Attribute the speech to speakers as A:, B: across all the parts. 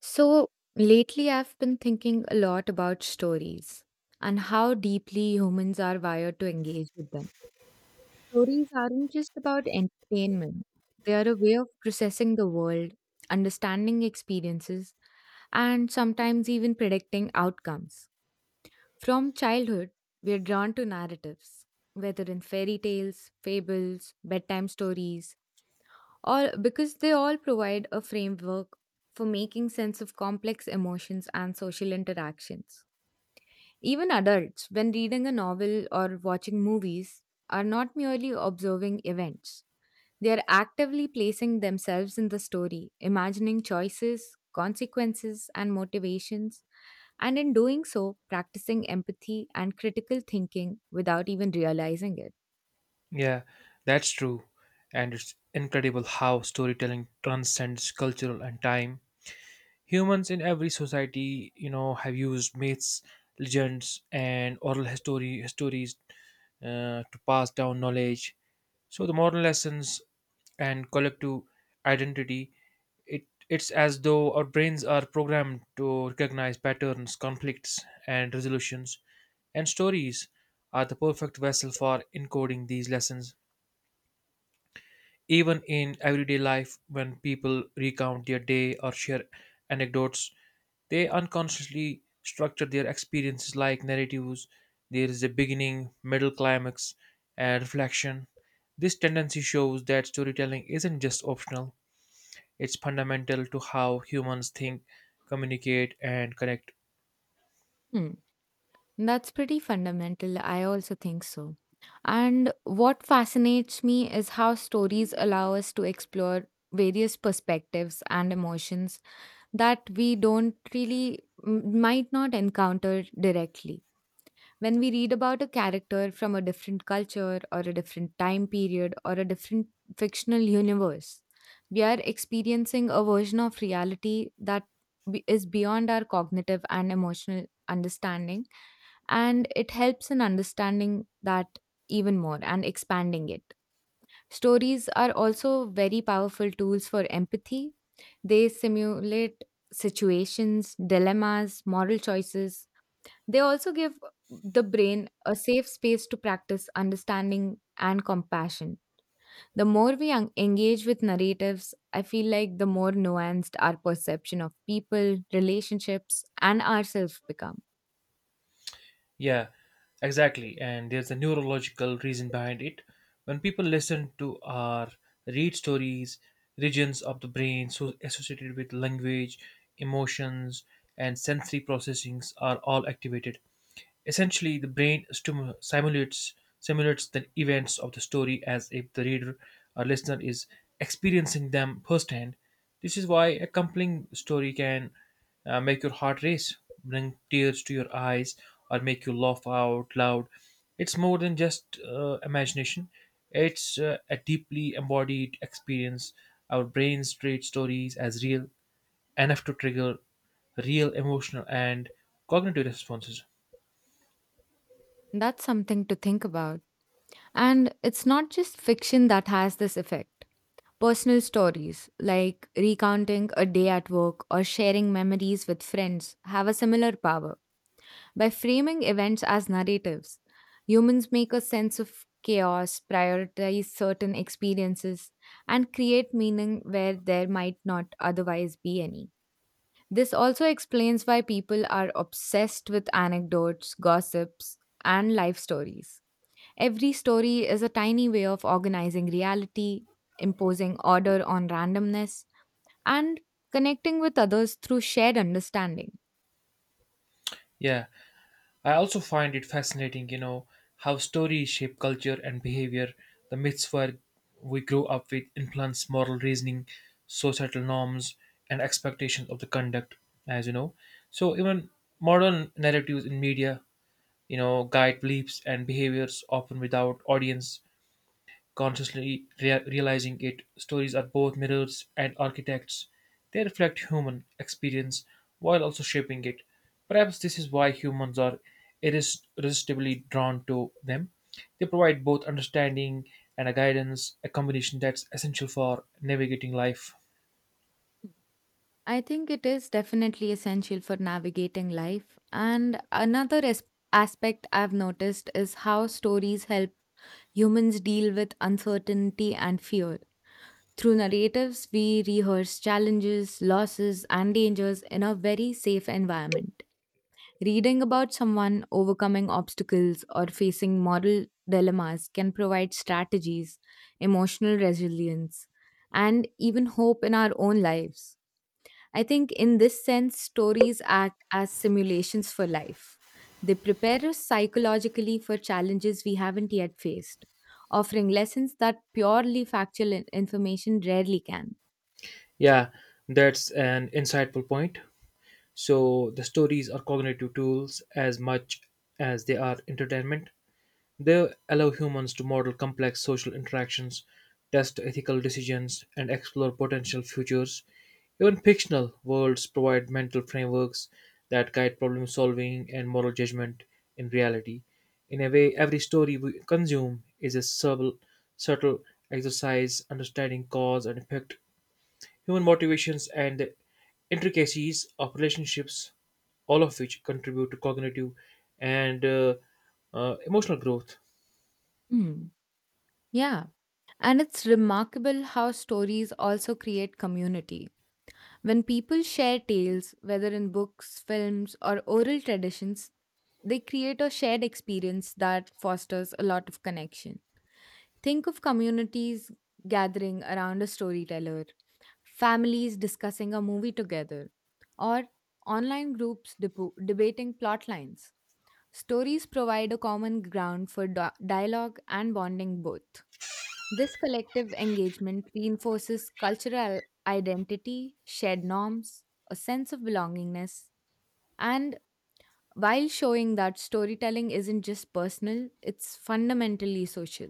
A: So lately, I've been thinking a lot about stories and how deeply humans are wired to engage with them. Stories aren't just about entertainment, they are a way of processing the world, understanding experiences, and sometimes even predicting outcomes. From childhood, we're drawn to narratives, whether in fairy tales, fables, bedtime stories, or because they all provide a framework for making sense of complex emotions and social interactions. Even adults, when reading a novel or watching movies, are not merely observing events. They are actively placing themselves in the story, imagining choices, consequences, and motivations, and in doing so, practicing empathy and critical thinking without even realizing it.
B: Yeah, that's true. And it's incredible how storytelling transcends cultural and time. Humans in every society, you know, have used myths, legends, and oral history stories to pass down knowledge. So the moral lessons and collective identity, it's as though our brains are programmed to recognize patterns, conflicts, and resolutions. And stories are the perfect vessel for encoding these lessons, even in everyday life, when people recount their day or share anecdotes, they unconsciously structure their experiences like narratives. There is a beginning, middle climax, and reflection. This tendency shows that storytelling isn't just optional, it's fundamental to how humans think, communicate, and connect.
A: That's pretty fundamental. I also think so. And what fascinates me is how stories allow us to explore various perspectives and emotions that we don't really might not encounter directly. When we read about a character from a different culture or a different time period or a different fictional universe, we are experiencing a version of reality that is beyond our cognitive and emotional understanding and it helps in understanding that even more and expanding it. Stories are also very powerful tools for empathy. They simulate situations, dilemmas, moral choices. They also give the brain a safe space to practice understanding and compassion. The more we engage with narratives, I feel like the more nuanced our perception of people, relationships, and ourselves become.
B: Yeah, exactly. And there's a neurological reason behind it. When people listen to or read stories, regions of the brain so associated with language, emotions, and sensory processings are all activated. Essentially, the brain simulates the events of the story as if the reader or listener is experiencing them firsthand. This is why a compelling story can make your heart race, bring tears to your eyes, or make you laugh out loud. It's more than just imagination, it's a deeply embodied experience. Our brains treat stories as real enough to trigger real emotional and cognitive responses.
A: That's something to think about. And it's not just fiction that has this effect. Personal stories, like recounting a day at work or sharing memories with friends, have a similar power. By framing events as narratives, humans make a sense of chaos, prioritize certain experiences, and create meaning where there might not otherwise be any. This also explains why people are obsessed with anecdotes, gossips, and life stories. Every story is a tiny way of organizing reality, imposing order on randomness, and connecting with others through shared understanding.
B: Yeah, I also find it fascinating, you know, how stories shape culture and behavior. The myths where we grow up with influence moral reasoning, societal norms, and expectations of the conduct, as you know. So even modern narratives in media, you know, guide beliefs and behaviors often without audience consciously realizing it, stories are both mirrors and architects. They reflect human experience while also shaping it. Perhaps this is why humans are irresistibly drawn to them. They provide both understanding and a guidance, a combination that's essential for navigating life.
A: I think it is definitely essential for navigating life. And another aspect I've noticed is how stories help humans deal with uncertainty and fear. Through narratives, we rehearse challenges, losses, and dangers in a very safe environment. Reading about someone overcoming obstacles or facing moral dilemmas can provide strategies, emotional resilience, and even hope in our own lives. I think, in this sense, stories act as simulations for life. They prepare us psychologically for challenges we haven't yet faced, offering lessons that purely factual information rarely can.
B: Yeah, that's an insightful point. So the stories are cognitive tools as much as they are entertainment. They allow humans to model complex social interactions, test ethical decisions, and explore potential futures. Even fictional worlds provide mental frameworks that guide problem solving and moral judgment in reality. In a way, every story we consume is a subtle exercise understanding cause and effect, human motivations, and the intricacies of relationships, all of which contribute to cognitive and emotional growth.
A: Hmm. Yeah. And it's remarkable how stories also create community. When people share tales, whether in books, films, or oral traditions, they create a shared experience that fosters a lot of connection. Think of communities gathering around a storyteller, families discussing a movie together, or online groups debating plot lines. Stories provide a common ground for dialogue and bonding both. This collective engagement reinforces cultural identity, shared norms, a sense of belongingness, and while showing that storytelling isn't just personal, it's fundamentally social.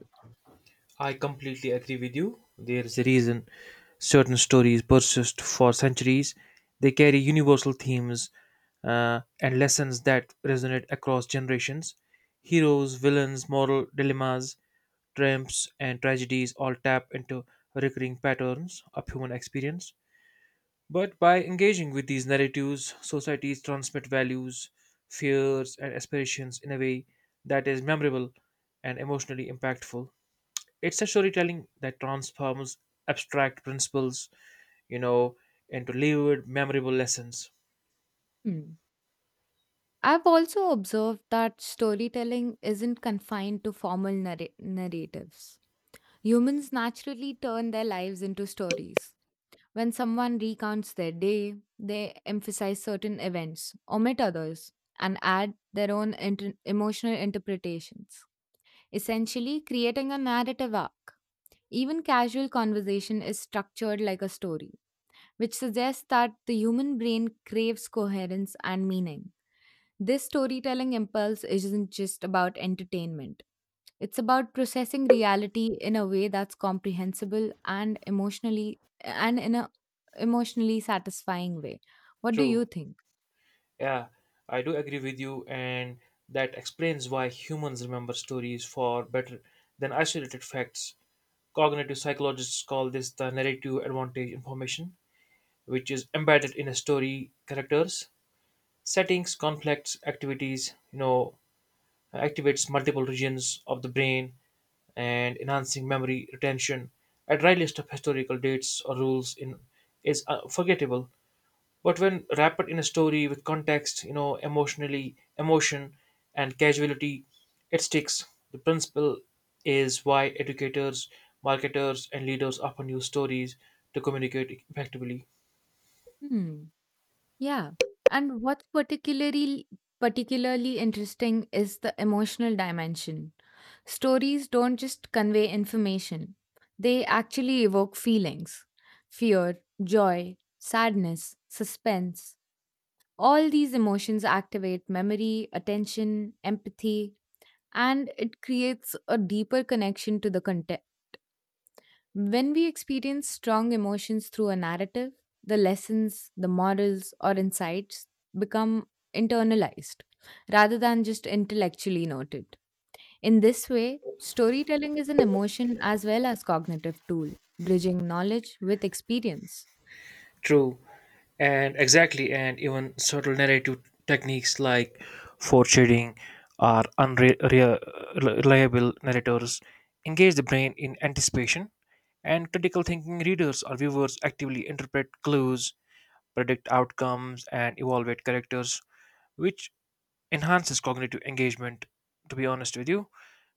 B: I completely agree with you. There is a reason certain stories persist for centuries. They carry universal themes and lessons that resonate across generations. Heroes, villains, moral dilemmas, triumphs, and tragedies all tap into recurring patterns of human experience. But by engaging with these narratives, societies transmit values, fears, and aspirations in a way that is memorable and emotionally impactful. It's a storytelling that transforms abstract principles, you know, into lived, memorable lessons.
A: Hmm. I've also observed that storytelling isn't confined to formal narratives. Humans naturally turn their lives into stories. When someone recounts their day, they emphasize certain events, omit others, and add their own emotional interpretations, essentially creating a narrative arc. Even casual conversation is structured like a story, which suggests that the human brain craves coherence and meaning. This storytelling impulse isn't just about entertainment. It's about processing reality in a way that's comprehensible and emotionally and in a emotionally satisfying way. What do
B: True.
A: you think?
B: Yeah, I do agree with you, and that explains why humans remember stories far better than isolated facts. Cognitive psychologists call this the narrative advantage information, which is embedded in a story characters, settings, conflicts, activities, you know, activates multiple regions of the brain and enhancing memory retention. A dry list of historical dates or rules in is forgettable, but when wrapped in a story with context, you know, emotionally, emotion, and casuality, it sticks. The principle is why educators, marketers, and leaders often use stories to communicate effectively.
A: Hmm. Yeah. And what's particularly interesting is the emotional dimension. Stories don't just convey information. They actually evoke feelings. Fear, joy, sadness, suspense. All these emotions activate memory, attention, empathy, and it creates a deeper connection to the content. When we experience strong emotions through a narrative, the lessons, the morals, or insights become internalized rather than just intellectually noted. In this way, storytelling is an emotion as well as cognitive tool, bridging knowledge with experience.
B: True, and exactly, and even subtle narrative techniques like foreshadowing or unreliable narrators engage the brain in anticipation, and critical thinking readers or viewers actively interpret clues, predict outcomes, and evaluate characters, which enhances cognitive engagement. To be honest with you,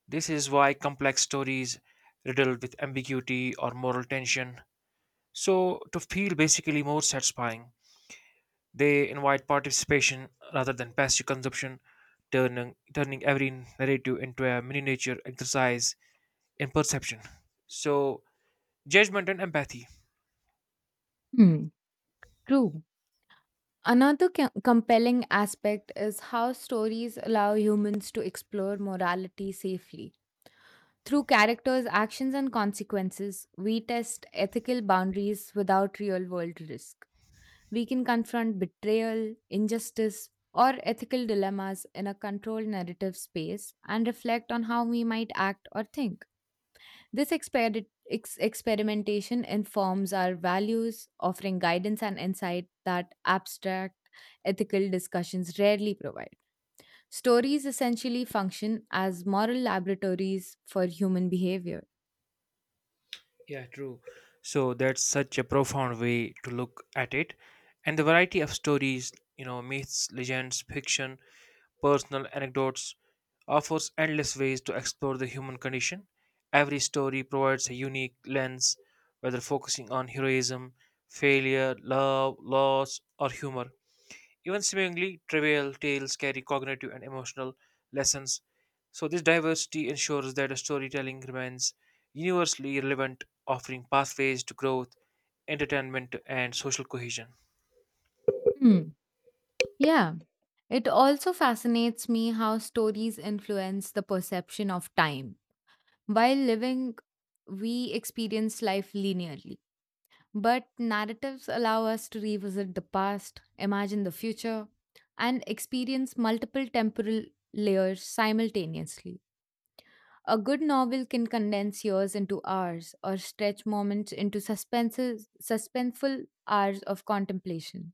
B: this is why complex stories riddled with ambiguity or moral tension. So, to feel basically more satisfying. They invite participation rather than passive consumption, turning every narrative into a miniature exercise in perception. So, judgment and empathy.
A: Hmm. True. Another compelling aspect is how stories allow humans to explore morality safely. Through characters, actions, and consequences, we test ethical boundaries without real world risk. We can confront betrayal, injustice, or ethical dilemmas in a controlled narrative space and reflect on how we might act or think. This experimentation informs our values, offering guidance and insight that abstract ethical discussions rarely provide. Stories essentially function as moral laboratories for human behavior.
B: Yeah, true. So, that's such a profound way to look at it. And the variety of stories, you know, myths, legends, fiction, personal anecdotes offers endless ways to explore the human condition. Every story provides a unique lens, whether focusing on heroism, failure, love, loss, or humor. Even seemingly trivial tales carry cognitive and emotional lessons. So, this diversity ensures that the storytelling remains universally relevant, offering pathways to growth, entertainment, and social cohesion.
A: Hmm. Yeah, it also fascinates me how stories influence the perception of time. While living, we experience life linearly, but narratives allow us to revisit the past, imagine the future, and experience multiple temporal layers simultaneously. A good novel can condense years into hours or stretch moments into suspenseful hours of contemplation.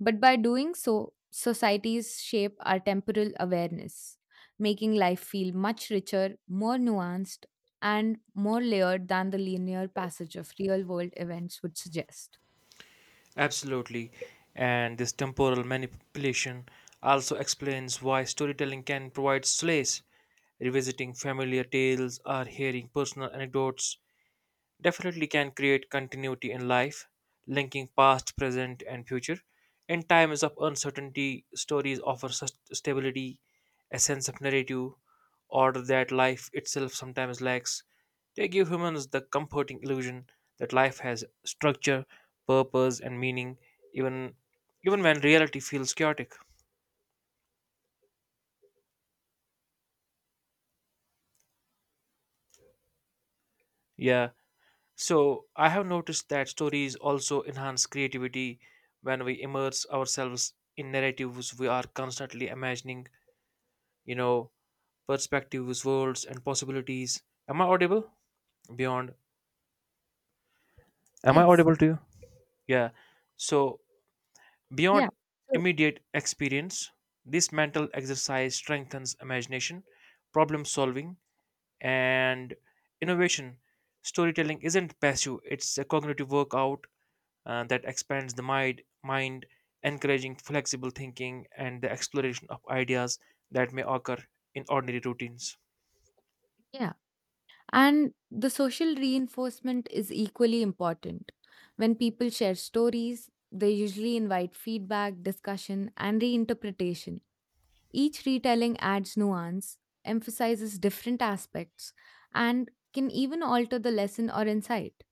A: But by doing so, societies shape our temporal awareness, making life feel much richer, more nuanced, and more layered than the linear passage of real world events would suggest.
B: Absolutely. And this temporal manipulation also explains why storytelling can provide solace. Revisiting familiar tales or hearing personal anecdotes definitely can create continuity in life, linking past, present, and future. In times of uncertainty, stories offer stability, a sense of narrative, or that life itself sometimes lacks. They give humans the comforting illusion that life has structure, purpose, and meaning, even even when reality feels chaotic. Yeah, so I have noticed that stories also enhance creativity when we immerse ourselves in narratives we are constantly imagining, you know, perspectives, worlds and possibilities. Am I audible? Beyond. Am I
A: Yes.
B: audible to you? Yeah. So
A: Yeah.
B: beyond
A: So,
B: immediate experience, this mental exercise strengthens imagination, problem solving and innovation. Storytelling isn't passive, it's a cognitive workout that expands the mind, encouraging flexible thinking and the exploration of ideas that may occur in ordinary routines.
A: yeah. And the social reinforcement is equally important. When people share stories, they usually invite feedback, discussion, and reinterpretation. Each retelling adds nuance, emphasizes different aspects, and can even alter the lesson or insight.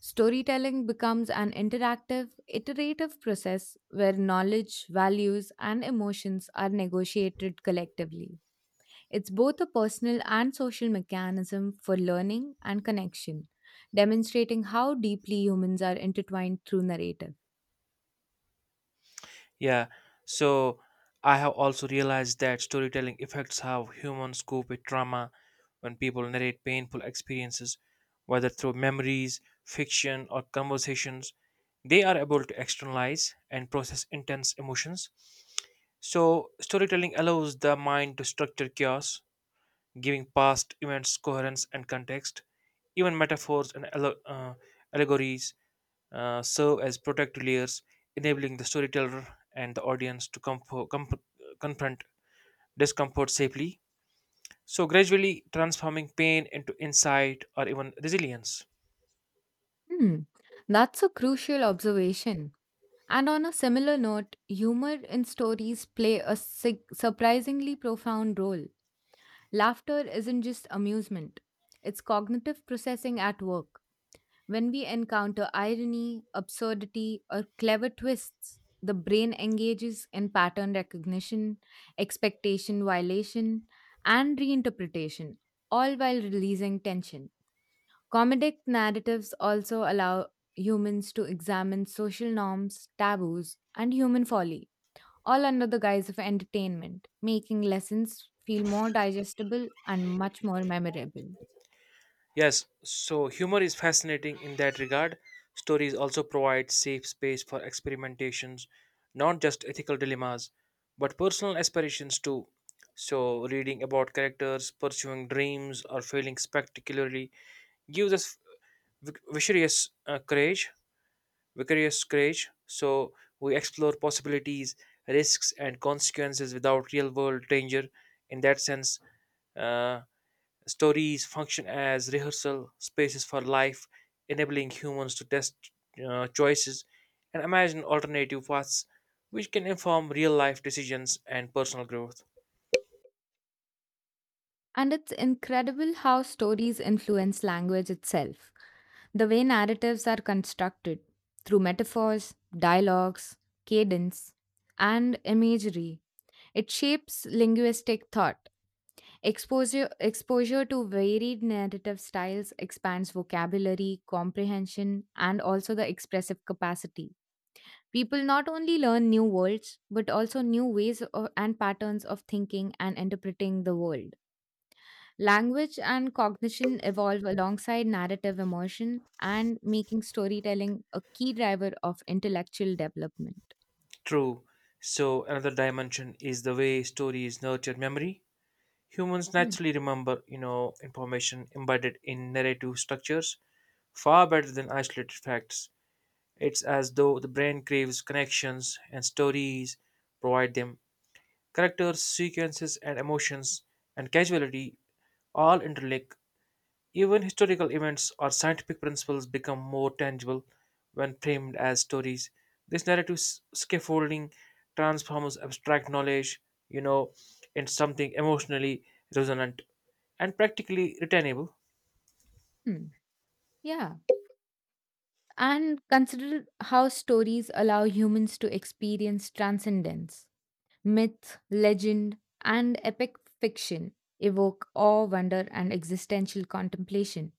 A: Storytelling becomes an interactive, iterative process where knowledge, values, and emotions are negotiated collectively. It's both a personal and social mechanism for learning and connection, demonstrating how deeply humans are intertwined through narrative.
B: Yeah, so I have also realized that storytelling affects how humans cope with trauma when people narrate painful experiences, whether through memories, fiction, or conversations. They are able to externalize and process intense emotions. So, storytelling allows the mind to structure chaos giving past events coherence and context. Even metaphors and allegories serve as protective layers, enabling the storyteller and the audience to confront discomfort safely. So, gradually transforming pain into insight or even resilience.
A: Hmm, that's a crucial observation. And on a similar note, humor in stories play a surprisingly profound role. Laughter isn't just amusement, it's cognitive processing at work. When we encounter irony, absurdity, or clever twists, the brain engages in pattern recognition, expectation violation, and reinterpretation, all while releasing tension. Comedic narratives also allow humans to examine social norms, taboos, and human folly, all under the guise of entertainment, making lessons feel more digestible and much more memorable.
B: Yes, so humor is fascinating in that regard. Stories also provide safe space for experimentations, not just ethical dilemmas, but personal aspirations too. So, reading about characters pursuing dreams or failing spectacularly gives us vicarious courage, vicarious courage. So, we explore possibilities, risks, and consequences without real-world danger. In that sense, uh. Stories function as rehearsal spaces for life, enabling humans to test choices and imagine alternative paths, which can inform real life decisions and personal growth.
A: And it's incredible how stories influence language itself. The way narratives are constructed through metaphors, dialogues, cadence, and imagery, it shapes linguistic thought. Exposure to varied narrative styles expands vocabulary, comprehension, and also the expressive capacity. People not only learn new words, but also new ways and patterns of thinking and interpreting the world. Language and cognition evolve alongside narrative immersion and making storytelling a key driver of intellectual development.
B: True. So, another dimension is the way stories nurture memory. Humans
A: Hmm.
B: naturally remember, you know, information embedded in narrative structures far better than isolated facts. It's as though the brain craves connections and stories provide them. Characters, sequences, and emotions and casualty all interlink. Even historical events or scientific principles become more tangible when framed as stories. This narrative scaffolding transforms abstract knowledge, you know, into something emotionally resonant and practically retainable.
A: Hmm. Yeah. And consider how stories allow humans to experience transcendence. Myth, legend, and epic fiction evoke awe, wonder, and existential contemplation,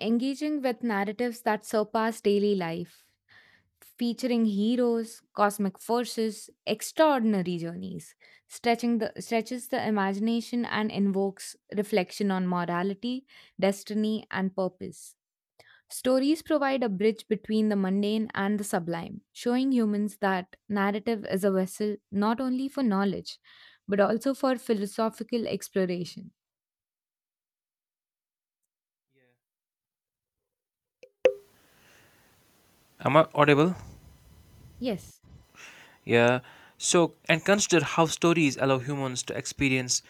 A: engaging with narratives that surpass daily life, featuring heroes, cosmic forces, extraordinary journeys, stretches the imagination and invokes reflection on morality, destiny, and purpose. Stories provide a bridge between the mundane and the sublime, showing humans that narrative is a vessel not only for knowledge, but also for philosophical exploration.
B: Am I audible?
A: Yes.
B: Yeah. So, and consider how stories allow humans to experience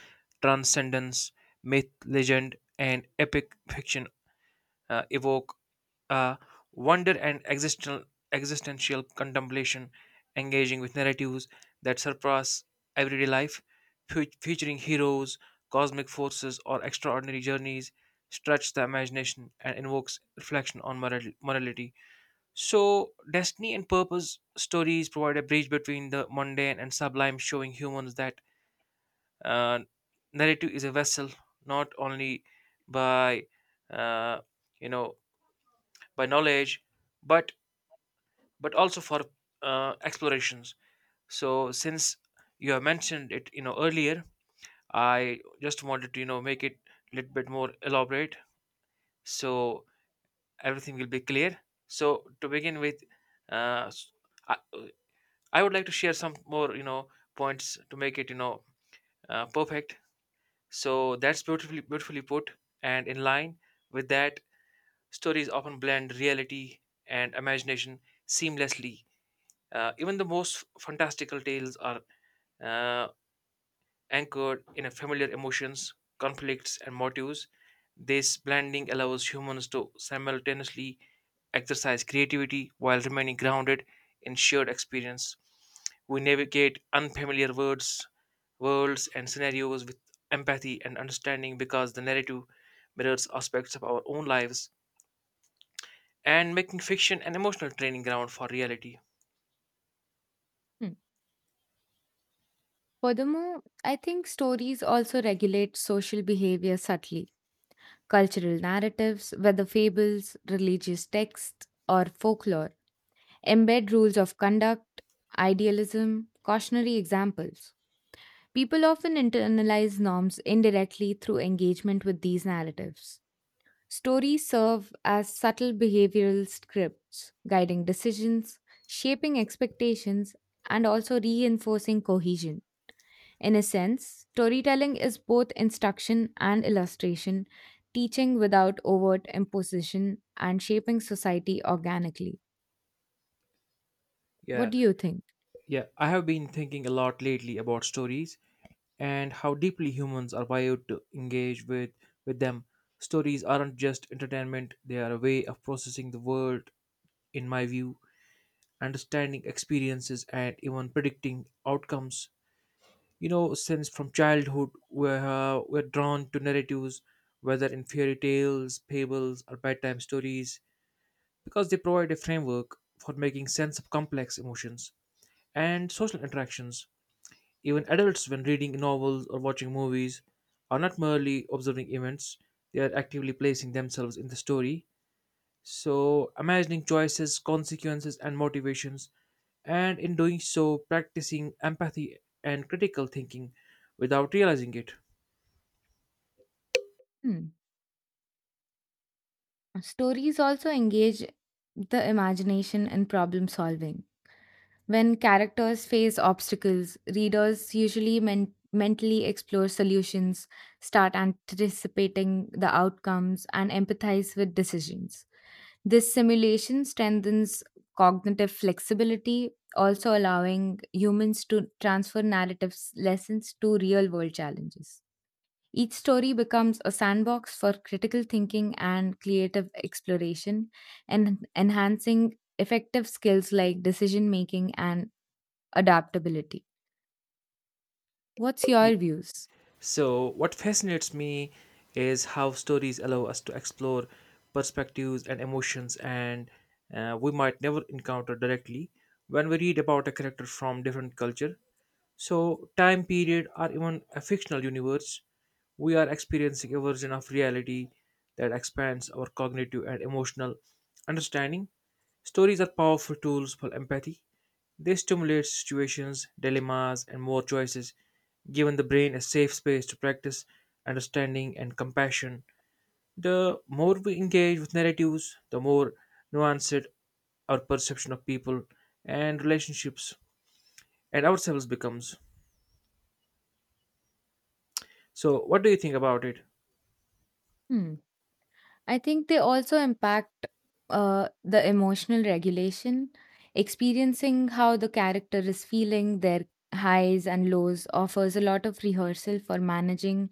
B: transcendence, myth, legend, and epic fiction evoke uh, wonder and existential contemplation, engaging with narratives that surpass everyday life, featuring heroes, cosmic forces, or extraordinary journeys, stretch the imagination and invokes reflection on morality. So, destiny and purpose stories provide a bridge between the mundane and sublime, showing humans that uh, narrative is a vessel not only by uh, you know by knowledge but also for explorations. So since you have mentioned it, you know, earlier, I just wanted to, you know, make it a little bit more elaborate so everything will be clear. So to begin with, uh, s- I, I would like to share some more, you know, points to make it, you know, perfect. So that's beautifully put, and in line with that, stories often blend reality and imagination seamlessly. Even the most fantastical tales are uh, anchored in a familiar emotions, conflicts, and motives. This blending allows humans to simultaneously exercise creativity while remaining grounded in shared experience. We navigate unfamiliar words, worlds, and scenarios with empathy and understanding because the narrative mirrors aspects of our own lives and making fiction an emotional training ground for reality.
A: Hmm. Furthermore, I think stories also regulate social behavior subtly. Cultural narratives, whether fables, religious texts, or folklore, embed rules of conduct, idealism, cautionary examples. People often internalize norms indirectly through engagement with these narratives. Stories serve as subtle behavioral scripts, guiding decisions, shaping expectations, and also reinforcing cohesion. In a sense, storytelling is both instruction and illustration, teaching without overt imposition, and shaping society organically. What
B: Yeah,
A: do you think?
B: Yeah, I have been thinking a lot lately about stories and how deeply humans are wired to engage with them. Stories aren't just entertainment, they are a way of processing the world in my view, understanding experiences and even predicting outcomes. You know, since from childhood we're drawn to narratives whether in fairy tales, fables or bedtime stories because they provide a framework for making sense of complex emotions and social interactions. Even adults, when reading novels or watching movies, are not merely observing events, they are actively placing themselves in the story. So, imagining choices, consequences, and motivations, and in doing so, practicing empathy and critical thinking without realizing it.
A: Hmm. Stories also engage the imagination and problem solving. When characters face obstacles, readers usually mentally explore solutions, start anticipating the outcomes, and empathize with decisions. This simulation strengthens cognitive flexibility, also allowing humans to transfer narratives' lessons to real world challenges. Each story becomes a sandbox for critical thinking and creative exploration, and enhancing effective skills like decision making and adaptability. What's your views?
B: So, what fascinates me is how stories allow us to explore perspectives and emotions, and we might never encounter directly when we read about a character from different culture. So, time period, or even a fictional universe, we are experiencing a version of reality that expands our cognitive and emotional understanding. Stories are powerful tools for empathy. They stimulate situations, dilemmas, and more choices, giving the brain a safe space to practice understanding and compassion. The more we engage with narratives, the more nuanced our perception of people and relationships and ourselves becomes. So, what do you think about it?
A: Hmm. I think they also impact the emotional regulation, experiencing how the character is feeling, their highs and lows offers a lot of rehearsal for managing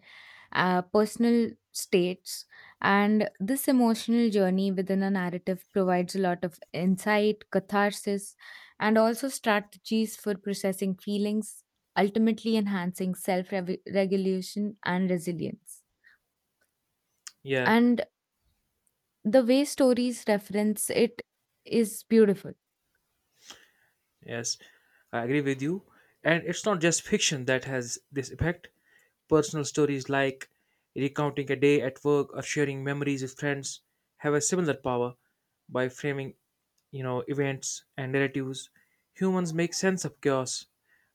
A: personal states. And this emotional journey within a narrative provides a lot of insight, catharsis, and also strategies for processing feelings, ultimately enhancing self regulation and resilience.
B: Yeah.
A: And the way stories reference it is beautiful.
B: Yes, I agree with you. And it's not just fiction that has this effect. Personal stories like recounting a day at work or sharing memories with friends have a similar power by framing, you know, events and narratives. Humans make sense of chaos,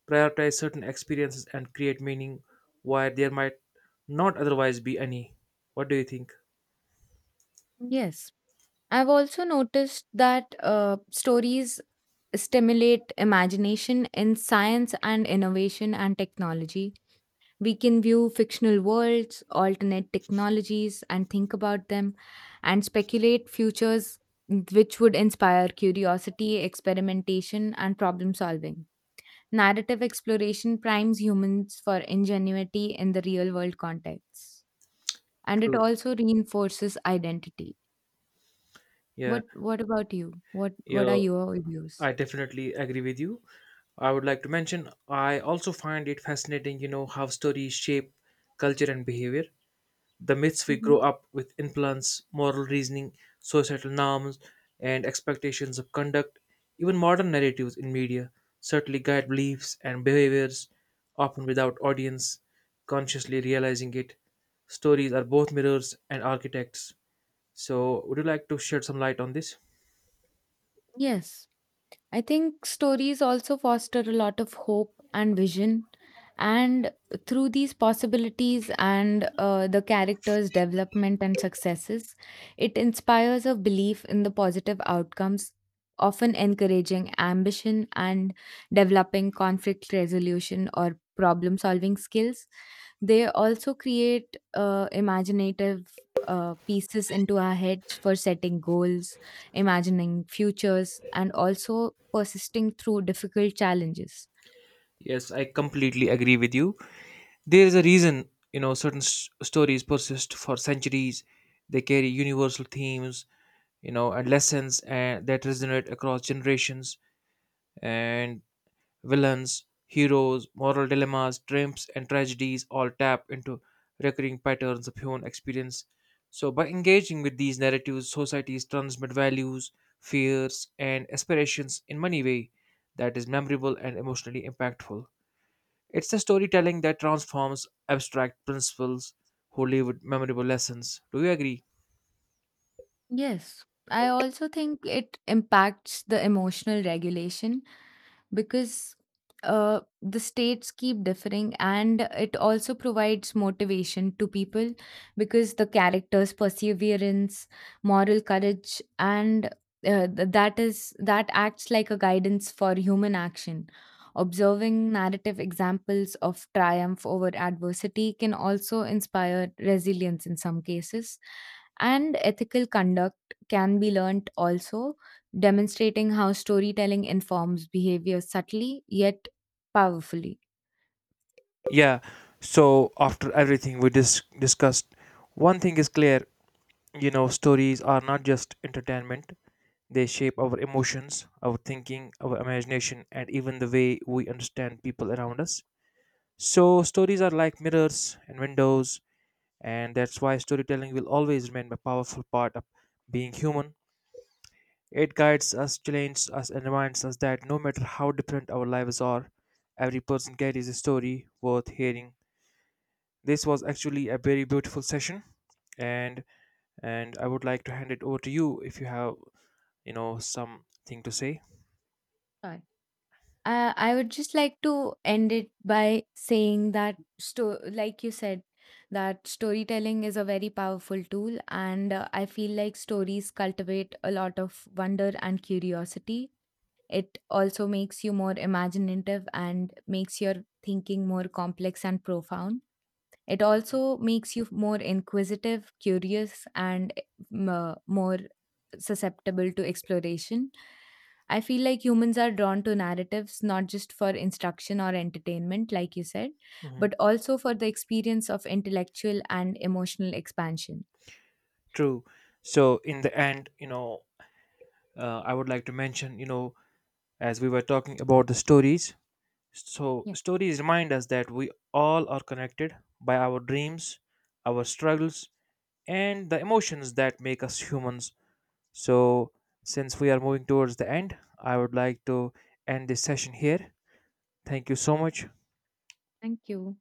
B: prioritize certain experiences and create meaning where there might not otherwise be any. What do you think?
A: Yes. I've also noticed that stories stimulate imagination in science and innovation and technology. We can view fictional worlds, alternate technologies, and think about them and speculate futures which would inspire curiosity, experimentation, and problem solving. Narrative exploration primes humans for ingenuity in the real world context, and it
B: True.
A: also reinforces identity.
B: Yeah.
A: What about you? What are
B: Yeah.
A: your
B: I
A: views?
B: definitely agree with you. I would like to mention I also find it fascinating, you know, how stories shape culture and behavior. The myths we
A: Hmm.
B: grow up with influence moral reasoning, societal norms, and expectations of conduct. Even modern narratives in media certainly guide beliefs and behaviors, often without audience consciously realizing it. Stories are both mirrors and architects. So, would you like to shed some light on this?
A: Yes, I think stories also foster a lot of hope and vision, and through these possibilities and the characters' development and successes, it inspires a belief in the positive outcomes. Often encouraging ambition and developing conflict resolution or problem solving skills. They also create imaginative pieces into our heads for setting goals, imagining futures, and also persisting through difficult challenges.
B: Yes, I completely agree with you. There is a reason, you know, certain stories persist for centuries. They carry universal themes, you know, and lessons and that resonate across generations. And villains, heroes, moral dilemmas, triumphs, and tragedies all tap into recurring patterns of human experience. So, by engaging with these narratives, societies transmit values, fears, and aspirations in many ways that is memorable and emotionally impactful. It's the storytelling that transforms abstract principles wholly with memorable lessons. Do you agree?
A: Yes, I also think it impacts the emotional regulation because the states keep differing, and it also provides motivation to people because the characters' perseverance, moral courage, and that is that acts like a guidance for human action. Observing narrative examples of triumph over adversity can also inspire resilience in some cases and ethical conduct can be learnt also, demonstrating how storytelling informs behavior subtly yet powerfully.
B: Yeah. So after everything we discussed, one thing is clear, you know, stories are not just entertainment. They shape our emotions, our thinking, our imagination, and even the way we understand people around us. So stories are like mirrors and windows, and that's why storytelling will always remain a powerful part of being human. It guides us, challenges us, and reminds us that no matter how different our lives are, every person carries a story worth hearing. This was actually a very beautiful session, and I would like to hand it over to you if you have, you know, something to say.
A: Right. I would just like to end it by saying that, like you said, that storytelling is a very powerful tool, and I feel like stories cultivate a lot of wonder and curiosity. It also makes you more imaginative and makes your thinking more complex and profound. It also makes you more inquisitive, curious, and more susceptible to exploration. I feel like humans are drawn to narratives not just for instruction or entertainment, like you said,
B: Hmm.
A: but also for the experience of intellectual and emotional expansion.
B: True. So in the end, you know, I would like to mention, you know, as we were talking about the stories, so,
A: Yeah,
B: stories remind us that we all are connected by our dreams, our struggles, and the emotions that make us humans. So, since we are moving towards the end, I would like to end this session here. Thank you so much.
A: thank you.